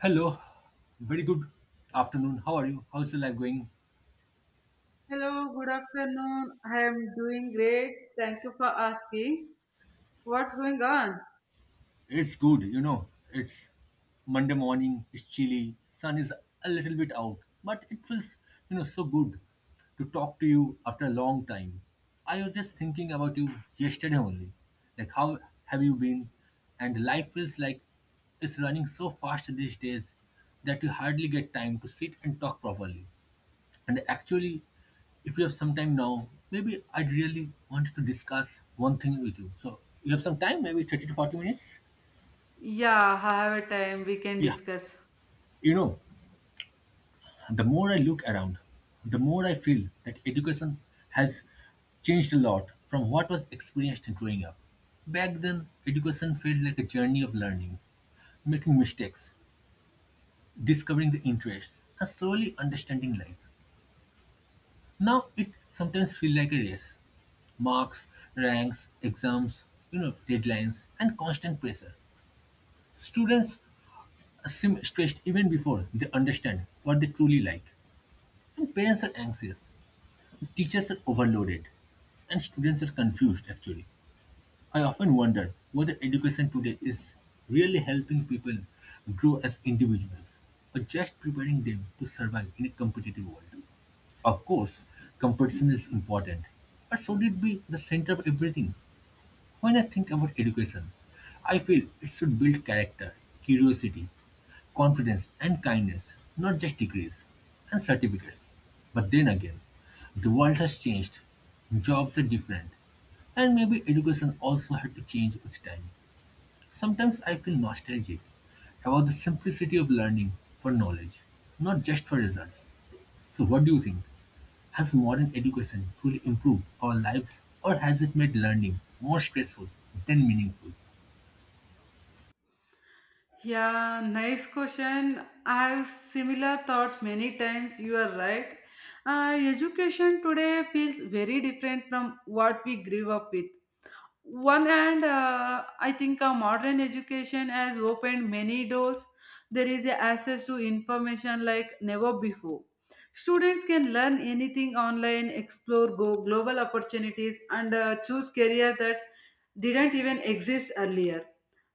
Hello, very good afternoon. How are you? How's the life going? Hello, good afternoon. I am doing great. Thank you for asking. What's going on? It's good. It's Monday morning, it's chilly, sun is a little bit out, but it feels, so good to talk to you after a long time. I was just thinking about you yesterday only. Like, how have you been? And life feels like it's running so fast these days that you hardly get time to sit and talk properly. And actually, if you have some time now, maybe I really want to discuss one thing with you. So you have some time, maybe 30 to 40 minutes? Yeah, I have a time we can Yeah. discuss. You know, the more I look around, the more I feel that education has changed a lot from what was experienced growing up. Back then, education felt like a journey of learning, making mistakes, discovering the interests, and slowly understanding life. Now it sometimes feels like a race. Marks, ranks, exams, deadlines, and constant pressure. Students seem stressed even before they understand what they truly like. And parents are anxious. Teachers are overloaded. And students are confused actually. I often wonder whether education today is really helping people grow as individuals or just preparing them to survive in a competitive world. Of course, competition is important, but should it be the center of everything? When I think about education, I feel it should build character, curiosity, confidence, and kindness, not just degrees and certificates. But then again, the world has changed, jobs are different, and maybe education also had to change with time. Sometimes I feel nostalgic about the simplicity of learning for knowledge, not just for results. So, what do you think? Has modern education truly improved our lives, or has it made learning more stressful than meaningful? Yeah, nice question. I have similar thoughts many times. You are right. Education today feels very different from what we grew up with. One hand, I think modern education has opened many doors. There is a access to information like never before. Students can learn anything online, explore, go global opportunities, and choose career that didn't even exist earlier.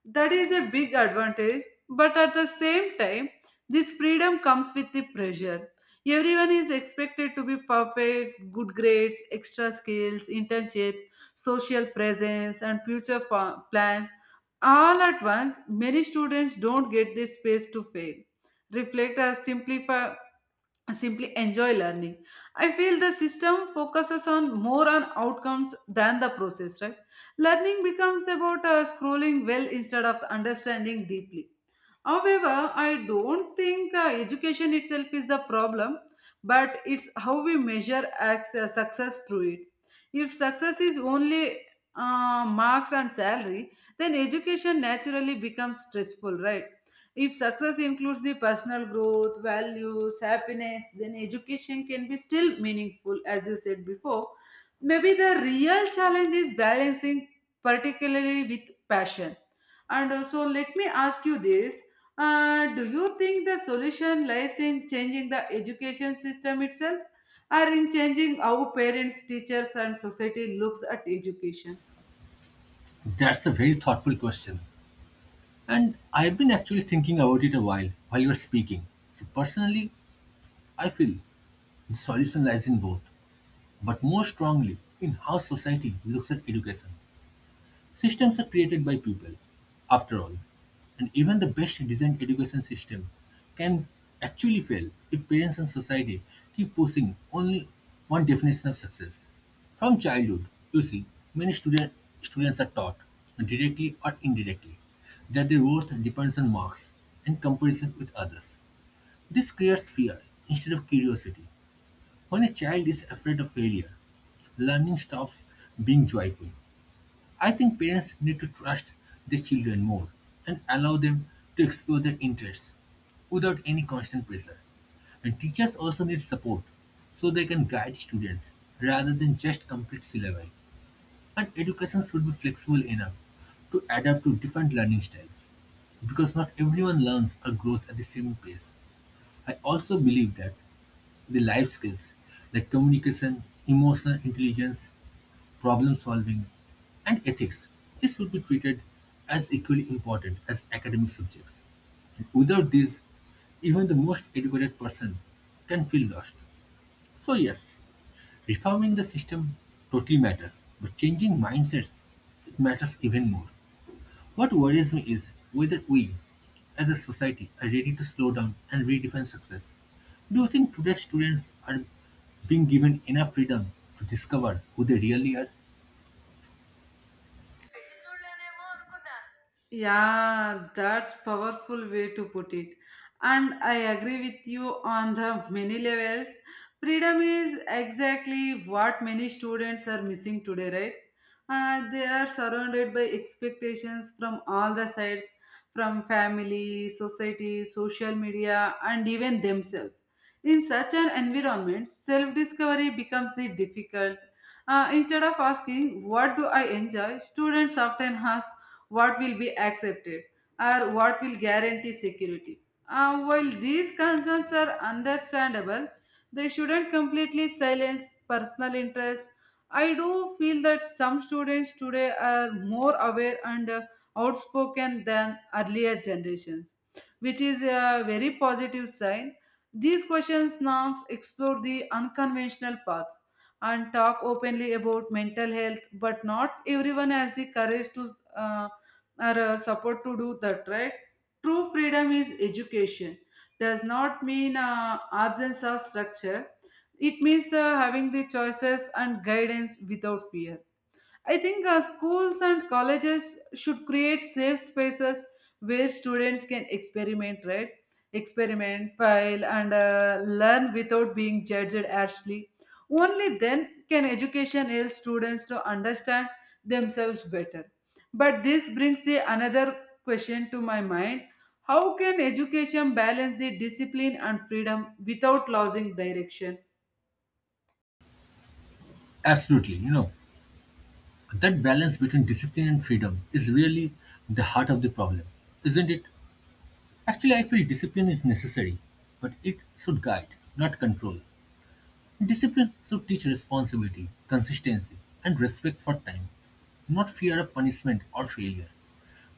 That is a big advantage. But at the same time, this freedom comes with the pressure. Everyone is expected to be perfect: good grades, extra skills, internships, social presence, and future plans all at once. Many students don't get this space to fail, reflect, or simplify simply enjoy learning. I feel the system focuses on more on outcomes than the process, right? Learning becomes about scrolling well instead of understanding deeply. However, I don't think education itself is the problem, but it's how we measure access, success through it. If success is only marks and salary, then education naturally becomes stressful, right? If success includes the personal growth, values, happiness, then education can be still meaningful, as you said before. Maybe the real challenge is balancing, particularly with passion. And so, let me ask you this. Do you think the solution lies in changing the education system itself or in changing how parents, teachers, and society looks at education? That's a very thoughtful question. And I've been actually thinking about it a while you're speaking. So, personally, I feel the solution lies in both, but more strongly in how society looks at education. Systems are created by people, after all, and even the best designed education system can actually fail if parents and society keep pushing only one definition of success. From childhood, you see, many students are taught, directly or indirectly, that their worth depends on marks and comparison with others. This creates fear instead of curiosity. When a child is afraid of failure, learning stops being joyful. I think parents need to trust their children more and allow them to explore their interests without any constant pressure. And teachers also need support so they can guide students rather than just complete syllabi. And education should be flexible enough to adapt to different learning styles because not everyone learns or grows at the same pace. I also believe that the life skills like communication, emotional intelligence, problem solving, and ethics they should be treated as equally important as academic subjects. And without these, even the most educated person can feel lost. So yes, reforming the system totally matters, but changing mindsets it matters even more. What worries me is whether we, as a society, are ready to slow down and redefine success. Do you think today's students are being given enough freedom to discover who they really are? Yeah, that's powerful way to put it. And I agree with you on the many levels. Freedom is exactly what many students are missing today, right? They are surrounded by expectations from all the sides, from family, society, social media, and even themselves. In such an environment, self-discovery becomes the difficult. Instead of asking, what do I enjoy, students often ask, what will be accepted or what will guarantee security. While these concerns are understandable, they shouldn't completely silence personal interest. I do feel that some students today are more aware and outspoken than earlier generations, which is a very positive sign. These questions norms explore the unconventional paths and talk openly about mental health, but not everyone has the courage to uh, or support to do that, right? True freedom is education. Does not mean absence of structure. It means having the choices and guidance without fear. I think schools and colleges should create safe spaces where students can experiment, right? Experiment, file, and learn without being judged harshly. Only then can education help students to understand themselves better. But this brings the another question to my mind: how can education balance the discipline and freedom without losing direction? Absolutely, that balance between discipline and freedom is really the heart of the problem, isn't it? Actually, I feel discipline is necessary, but it should guide, not control. Discipline should teach responsibility, consistency, and respect for time, not fear of punishment or failure.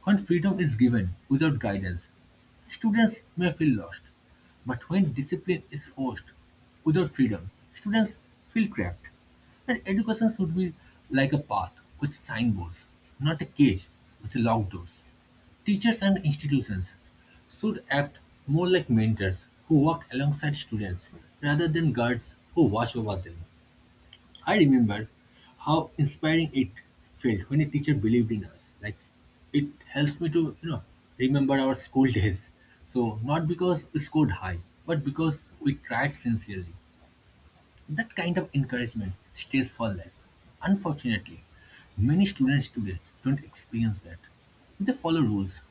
When freedom is given without guidance, students may feel lost. But when discipline is forced without freedom, students feel trapped. And education should be like a path with signboards, not a cage with locked doors. Teachers and institutions should act more like mentors who work alongside students rather than guards who watch over them. I remember how inspiring it felt when a teacher believed in us. Like it helps me to remember our school days. So not because we scored high, but because we tried sincerely. That kind of encouragement stays for life. Unfortunately, many students today don't experience that. They follow rules,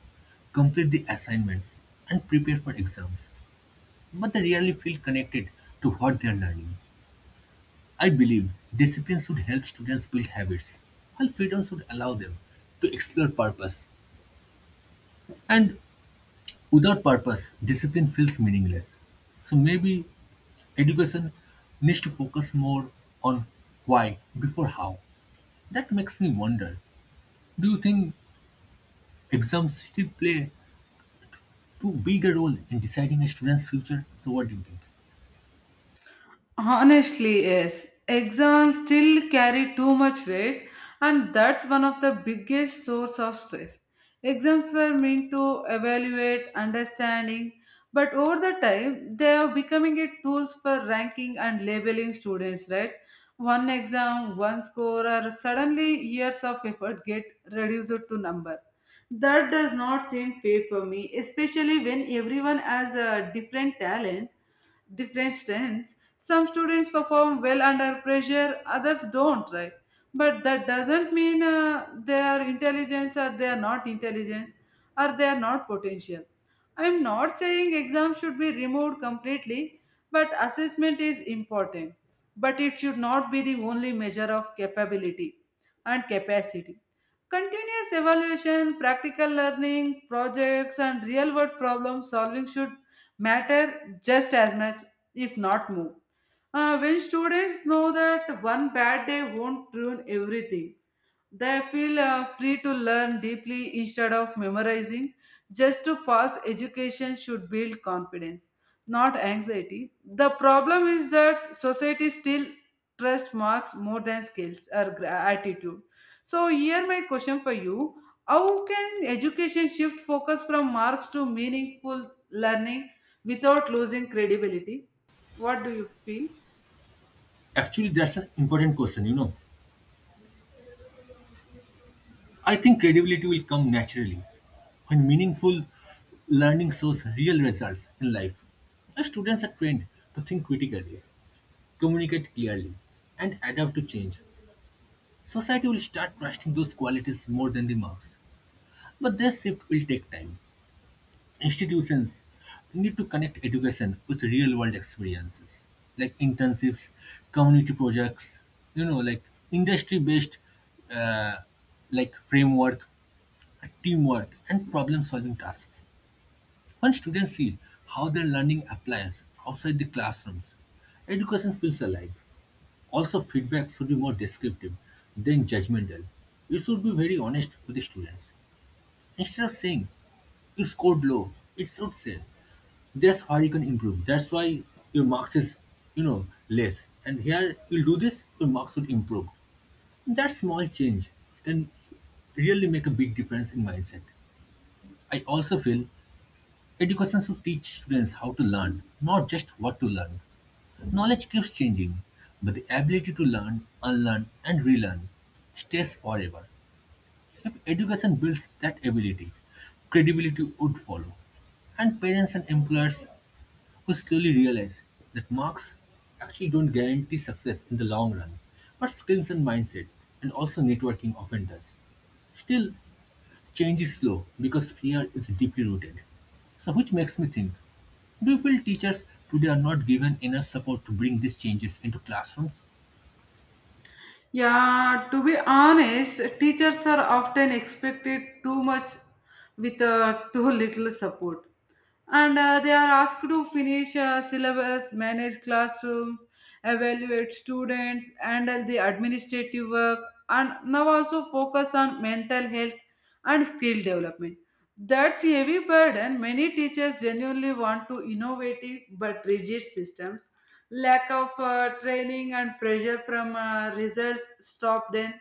complete the assignments, and prepare for exams, but they rarely feel connected to what they are learning. I believe discipline should help students build habits, while freedom should allow them to explore purpose. And without purpose, discipline feels meaningless. So maybe education needs to focus more on why before how. That makes me wonder, do you think exams still play too big a role in deciding a student's future? So what do you think? Honestly, yes. Exams still carry too much weight, and that's one of the biggest source of stress. Exams were meant to evaluate understanding, but over the time they are becoming a tools for ranking and labeling students, right? One exam, one score, or suddenly years of effort get reduced to number. That does not seem fair for me, especially when everyone has a different talent different strengths. Some students perform well under pressure, others don't, right? But that doesn't mean they are intelligence or they are not intelligence or they are not potential. I am not saying exams should be removed completely, but assessment is important. But it should not be the only measure of capability and capacity. Continuous evaluation, practical learning, projects, and real world problem solving should matter just as much, if not more. When students know that one bad day won't ruin everything, they feel free to learn deeply instead of memorizing. Just to pass, education should build confidence, not anxiety. The problem is that society still trusts marks more than skills or attitude. So here my question for you, how can education shift focus from marks to meaningful learning without losing credibility? What do you feel? Actually, that's an important question. I think credibility will come naturally when meaningful learning shows real results in life. As students are trained to think critically, communicate clearly, and adapt to change, society will start trusting those qualities more than the marks. But this shift will take time. Institutions need to connect education with real world experiences, like internships, community projects, like industry based uh, like framework, teamwork, and problem solving tasks. When students see how their learning applies outside the classrooms, education feels alive. Also, feedback should be more descriptive than judgmental. You should be very honest with the students. Instead of saying you scored low, it should say that's where you can improve. That's why your marks is, less. And here you'll do this, your marks would improve. That small change can really make a big difference in mindset. I also feel education should teach students how to learn, not just what to learn. Knowledge keeps changing, but the ability to learn, unlearn, and relearn stays forever. If education builds that ability, credibility would follow. And parents and employers who slowly realize that marks actually don't guarantee success in the long run, but skills and mindset, and also networking often does. Still, change is slow because fear is deeply rooted. So, which makes me think do you feel teachers today are not given enough support to bring these changes into classrooms? Yeah, to be honest, teachers are often expected too much with too little support. And they are asked to finish syllabus, manage classrooms, evaluate students, handle the administrative work, and now also focus on mental health and skill development. That's a heavy burden. Many teachers genuinely want to innovate it, but rigid systems lack of training and pressure from results stop them.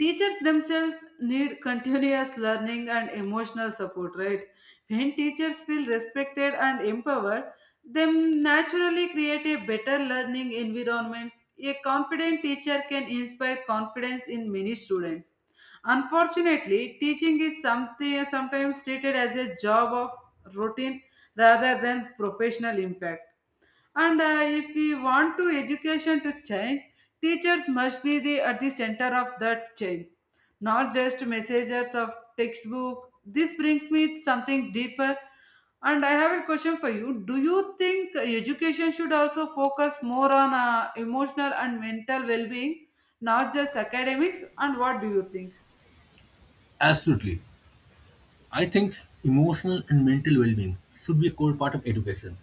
Teachers themselves need continuous learning and emotional support, right? When teachers feel respected and empowered, they naturally create a better learning environments. A confident teacher can inspire confidence in many students. Unfortunately, teaching is something sometimes treated as a job of routine rather than professional impact. And if we want to education to change, teachers must be the at the center of that change, not just messages of textbook. This brings me to something deeper, and I have a question for you. Do you think education should also focus more on emotional and mental well-being, not just academics? And what do you think? Absolutely. I think emotional and mental well being should be a core part of education,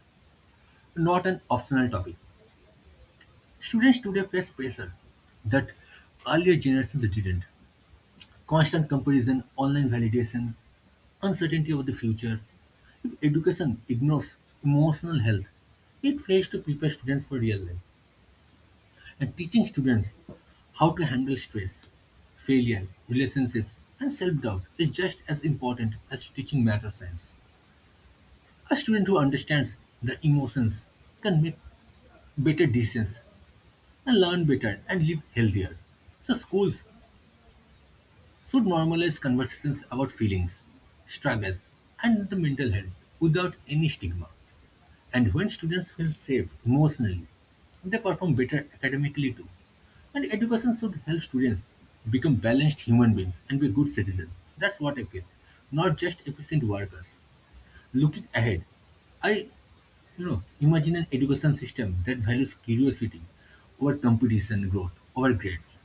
not an optional topic. Students today face pressure that earlier generations didn't. Constant comparison, online validation, uncertainty of the future. If education ignores emotional health, it fails to prepare students for real life. And teaching students how to handle stress, failure, relationships, and self doubt is just as important as teaching math or science. A student who understands the emotions can make better decisions and learn better and live healthier. So, schools should normalize conversations about feelings, struggles, and the mental health without any stigma. And when students feel safe emotionally, they perform better academically too. And education should help students become balanced human beings and be good citizens. That's what I feel, not just efficient workers. Looking ahead, I imagine an education system that values curiosity over competition, growth over grades,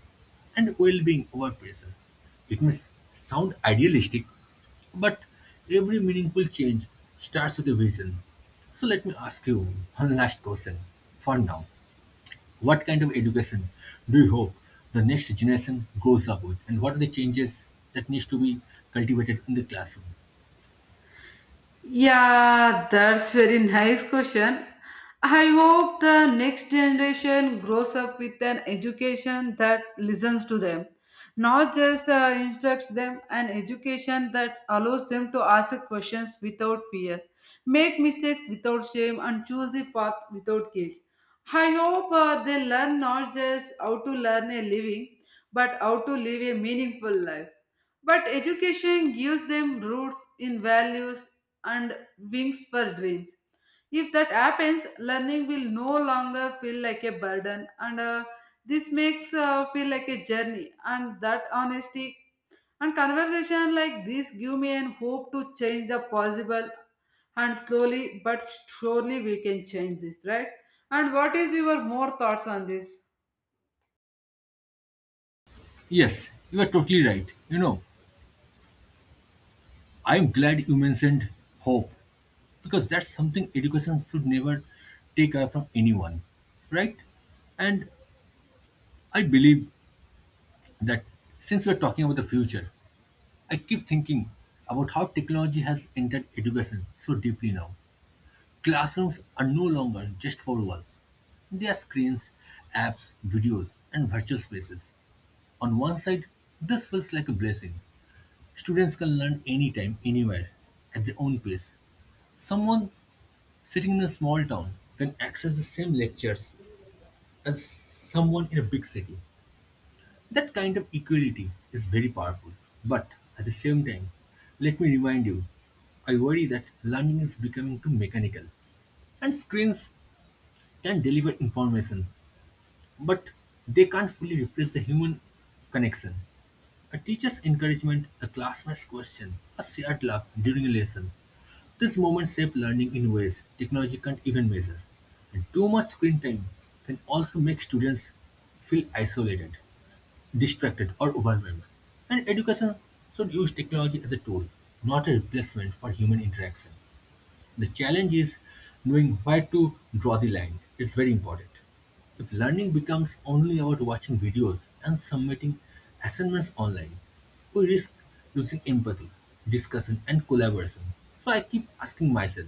and well being over pressure. It may sound idealistic, but every meaningful change starts with a vision. So, let me ask you one last question for now. What kind of education do you hope the next generation grows up with, and what are the changes that needs to be cultivated in the classroom? Yeah, that's very nice question. I hope the next generation grows up with an education that listens to them, not just instructs them, an education that allows them to ask questions without fear, make mistakes without shame, and choose the path without guilt. I hope they learn not just how to learn a living, but how to live a meaningful life. But education gives them roots in values and wings for dreams. If that happens, learning will no longer feel like a burden, and this makes feel like a journey. And that honesty and conversation like this give me an hope to change the possible, and slowly but surely we can change this, right? And what is your more thoughts on this? Yes, you are totally right. I'm glad you mentioned hope because that's something education should never take away from anyone right and I believe that since we're talking about the future I keep thinking about how technology has entered education so deeply. Now classrooms are no longer just four walls, they are screens, apps, videos, and virtual spaces. On one side, this feels like a blessing. Students can learn anytime, anywhere, at their own pace. Someone sitting in a small town can access the same lectures as someone in a big city. That kind of equality is very powerful. But at the same time, let me remind you, I worry that learning is becoming too mechanical. And screens can deliver information, but they can't fully replace the human connection. A teacher's encouragement, a classmate's question, a shared laugh during a lesson. These moments shape learning in ways technology can't even measure. And too much screen time can also make students feel isolated, distracted, or overwhelmed. And education should use technology as a tool, not a replacement for human interaction. The challenge is knowing where to draw the line. It's very important. If learning becomes only about watching videos and submitting assignments online, we risk losing empathy, discussion, and collaboration. So I keep asking myself,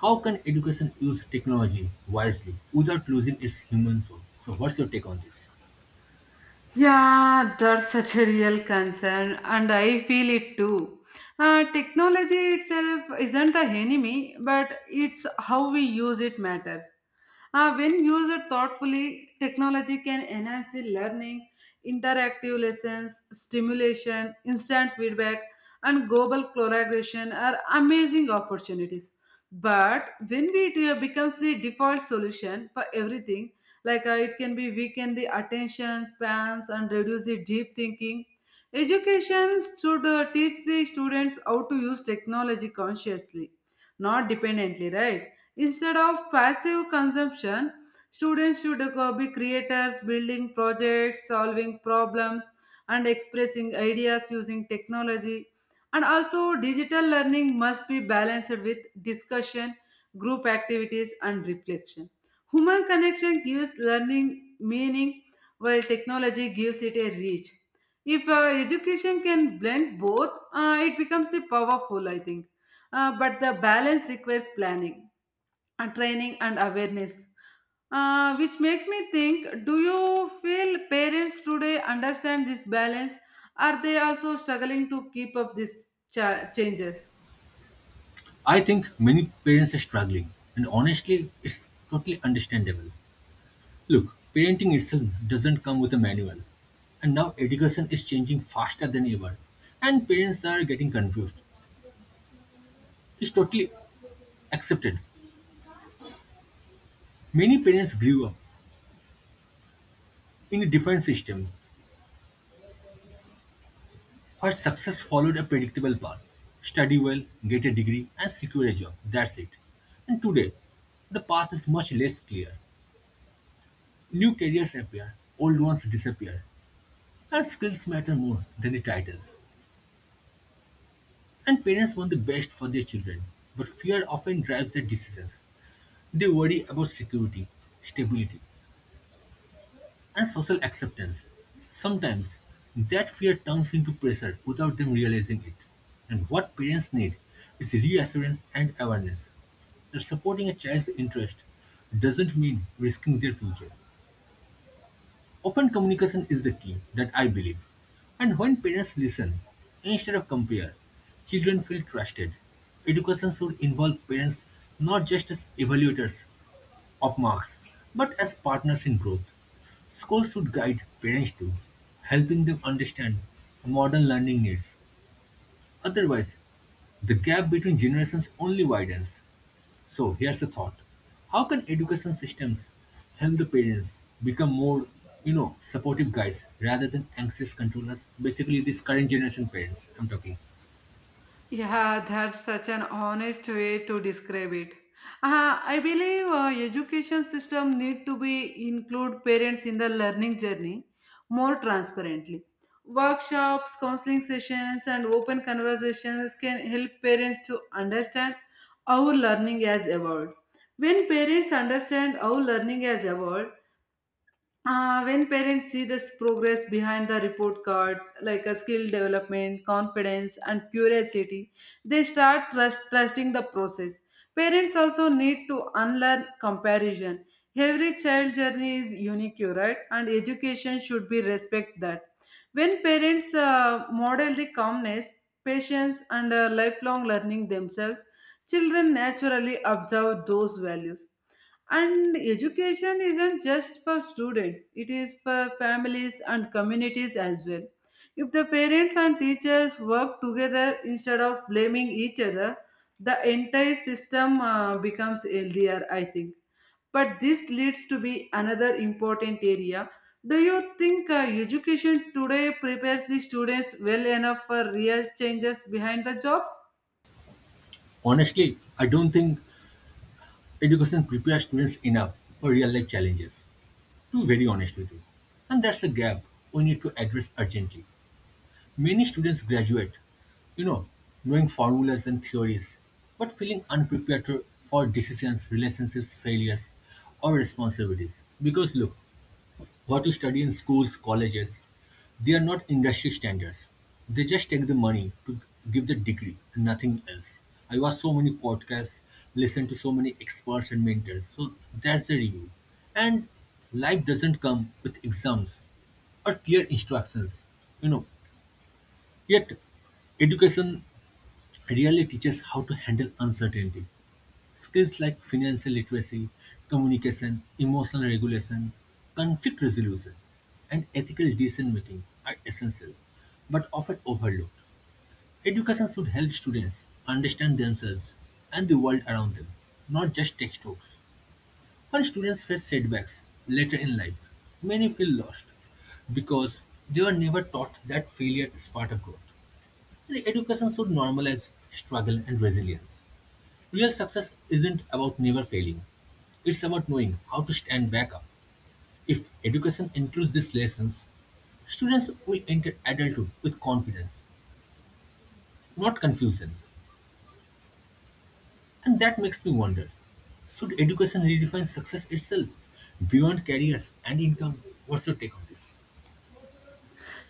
how can education use technology wisely without losing its human soul? So, what's your take on this? Yeah, that's such a real concern, and I feel it too. Technology itself isn't the enemy, but it's how we use it matters. When used thoughtfully, technology can enhance the learning. Interactive lessons, stimulation, instant feedback, and global collaboration are amazing opportunities. But when it becomes the default solution for everything, like it can be weaken the attention spans and reduce the deep thinking. Education should teach the students how to use technology consciously, not dependently, right? Instead of passive consumption, students should be creators, building projects, solving problems, and expressing ideas using technology. And also digital learning must be balanced with discussion, group activities, and reflection. Human connection gives learning meaning, while technology gives it a reach. If education can blend both, it becomes a powerful, I think. But the balance requires planning, and training, and awareness. Which makes me think, do you feel parents today understand this balance? Are they also struggling to keep up these changes? I think many parents are struggling, and honestly, it's totally understandable. Look, parenting itself doesn't come with a manual, and now education is changing faster than ever, and parents are getting confused. It's totally accepted. Many parents grew up in a different system where success followed a predictable path study well, get a degree, and secure a job. That's it. And today, the path is much less clear. New careers appear, old ones disappear. And skills matter more than the titles, and parents want the best for their children, but fear often drives their decisions. They worry about security, stability, and social acceptance. Sometimes, that fear turns into pressure without them realizing it. And what parents need is reassurance and awareness that supporting a child's interest doesn't mean risking their future. Open communication is the key that I believe. And when parents listen instead of compare, children feel trusted. Education should involve parents not just as evaluators of marks, but as partners in growth. Schools should guide parents too, helping them understand modern learning needs. Otherwise, the gap between generations only widens. So here's a thought. How can education systems help the parents become more, supportive guys rather than anxious controllers? Basically, these current generation parents I'm talking. Yeah, that's such an honest way to describe it. I believe education system need to be include parents in the learning journey more transparently. Workshops, counseling sessions, and open conversations can help parents to understand how learning has evolved. When parents understand how learning has evolved, when parents see this progress behind the report cards, like a skill development, confidence, and curiosity, they start trusting the process. Parents also need to unlearn comparison. Every child journey is unique, you're right, and education should be respect that. When parents model the calmness, patience, and lifelong learning themselves, children naturally observe those values. And education isn't just for students, it is for families and communities as well. If the parents and teachers work together instead of blaming each other, the entire system becomes healthier, I think. But this leads to be another important area. Do you think education today prepares the students well enough for real changes behind the jobs? Honestly, I don't think education prepares students enough for real life challenges, to be very honest with you. And that's a gap we need to address urgently. Many students graduate, you know, knowing formulas and theories, but feeling unprepared for decisions, relationships, failures, or responsibilities. Because look, what you study in schools, colleges, they are not industry standards. They just take the money to give the degree and nothing else. I watch so many podcasts, listen to so many experts and mentors. So that's the review. And life doesn't come with exams or clear instructions. You know, Yet, education really teaches how to handle uncertainty. Skills like financial literacy, communication, emotional regulation, conflict resolution, and ethical decision making are essential, but often overlooked. Education should help students understand themselves and the world around them, not just textbooks. When students face setbacks later in life, many feel lost because they were never taught that failure is part of growth. Education should normalize struggle and resilience. Real success isn't about never failing, it's about knowing how to stand back up. If education includes these lessons, students will enter adulthood with confidence, not confusion. And that makes me wonder should education redefine success itself beyond careers and income? What's your take on this?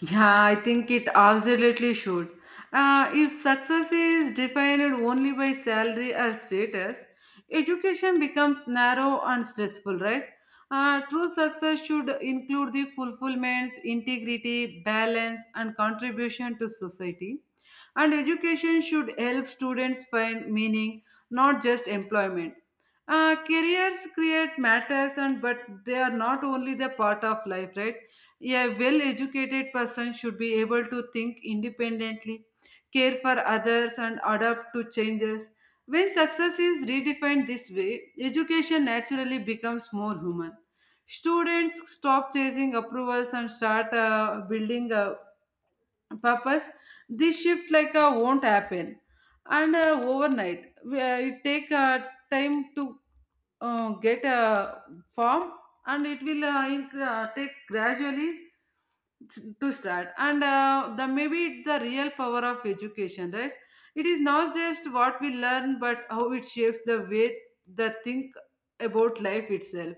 Yeah, I think it absolutely should. If success is defined only by salary or status, education becomes narrow and stressful, right? True success should include the fulfillments, integrity, balance, and contribution to society. And education should help students find meaning, not just employment. Careers create matters, and but they are not only the part of life, right? A well educated person should be able to think independently, care for others, and adapt to changes. When success is redefined this way, education naturally becomes more human. Students stop chasing approvals and start building a purpose. This shift like won't happen, and overnight. It take time to get a form, and it will take gradually to start. And the maybe it's the real power of education, right? It is not just what we learn but how it shapes the way the think about life itself.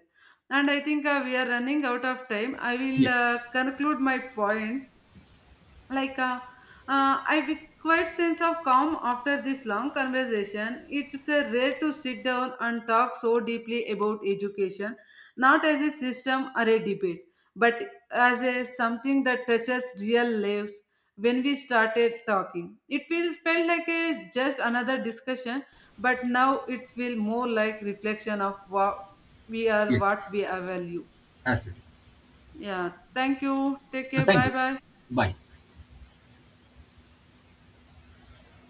And I think we are running out of time. I will Yes, conclude my points. Like I be quite sense of calm after this long conversation. It's rare to sit down and talk so deeply about education, not as a system or a debate, but as a something that touches real lives. When we started talking, it feels felt like a just another discussion. But now it feels more like reflection of what we are, yes, what we value. absolutely. Yeah, thank you. Take So care. thank Bye you. bye. Bye.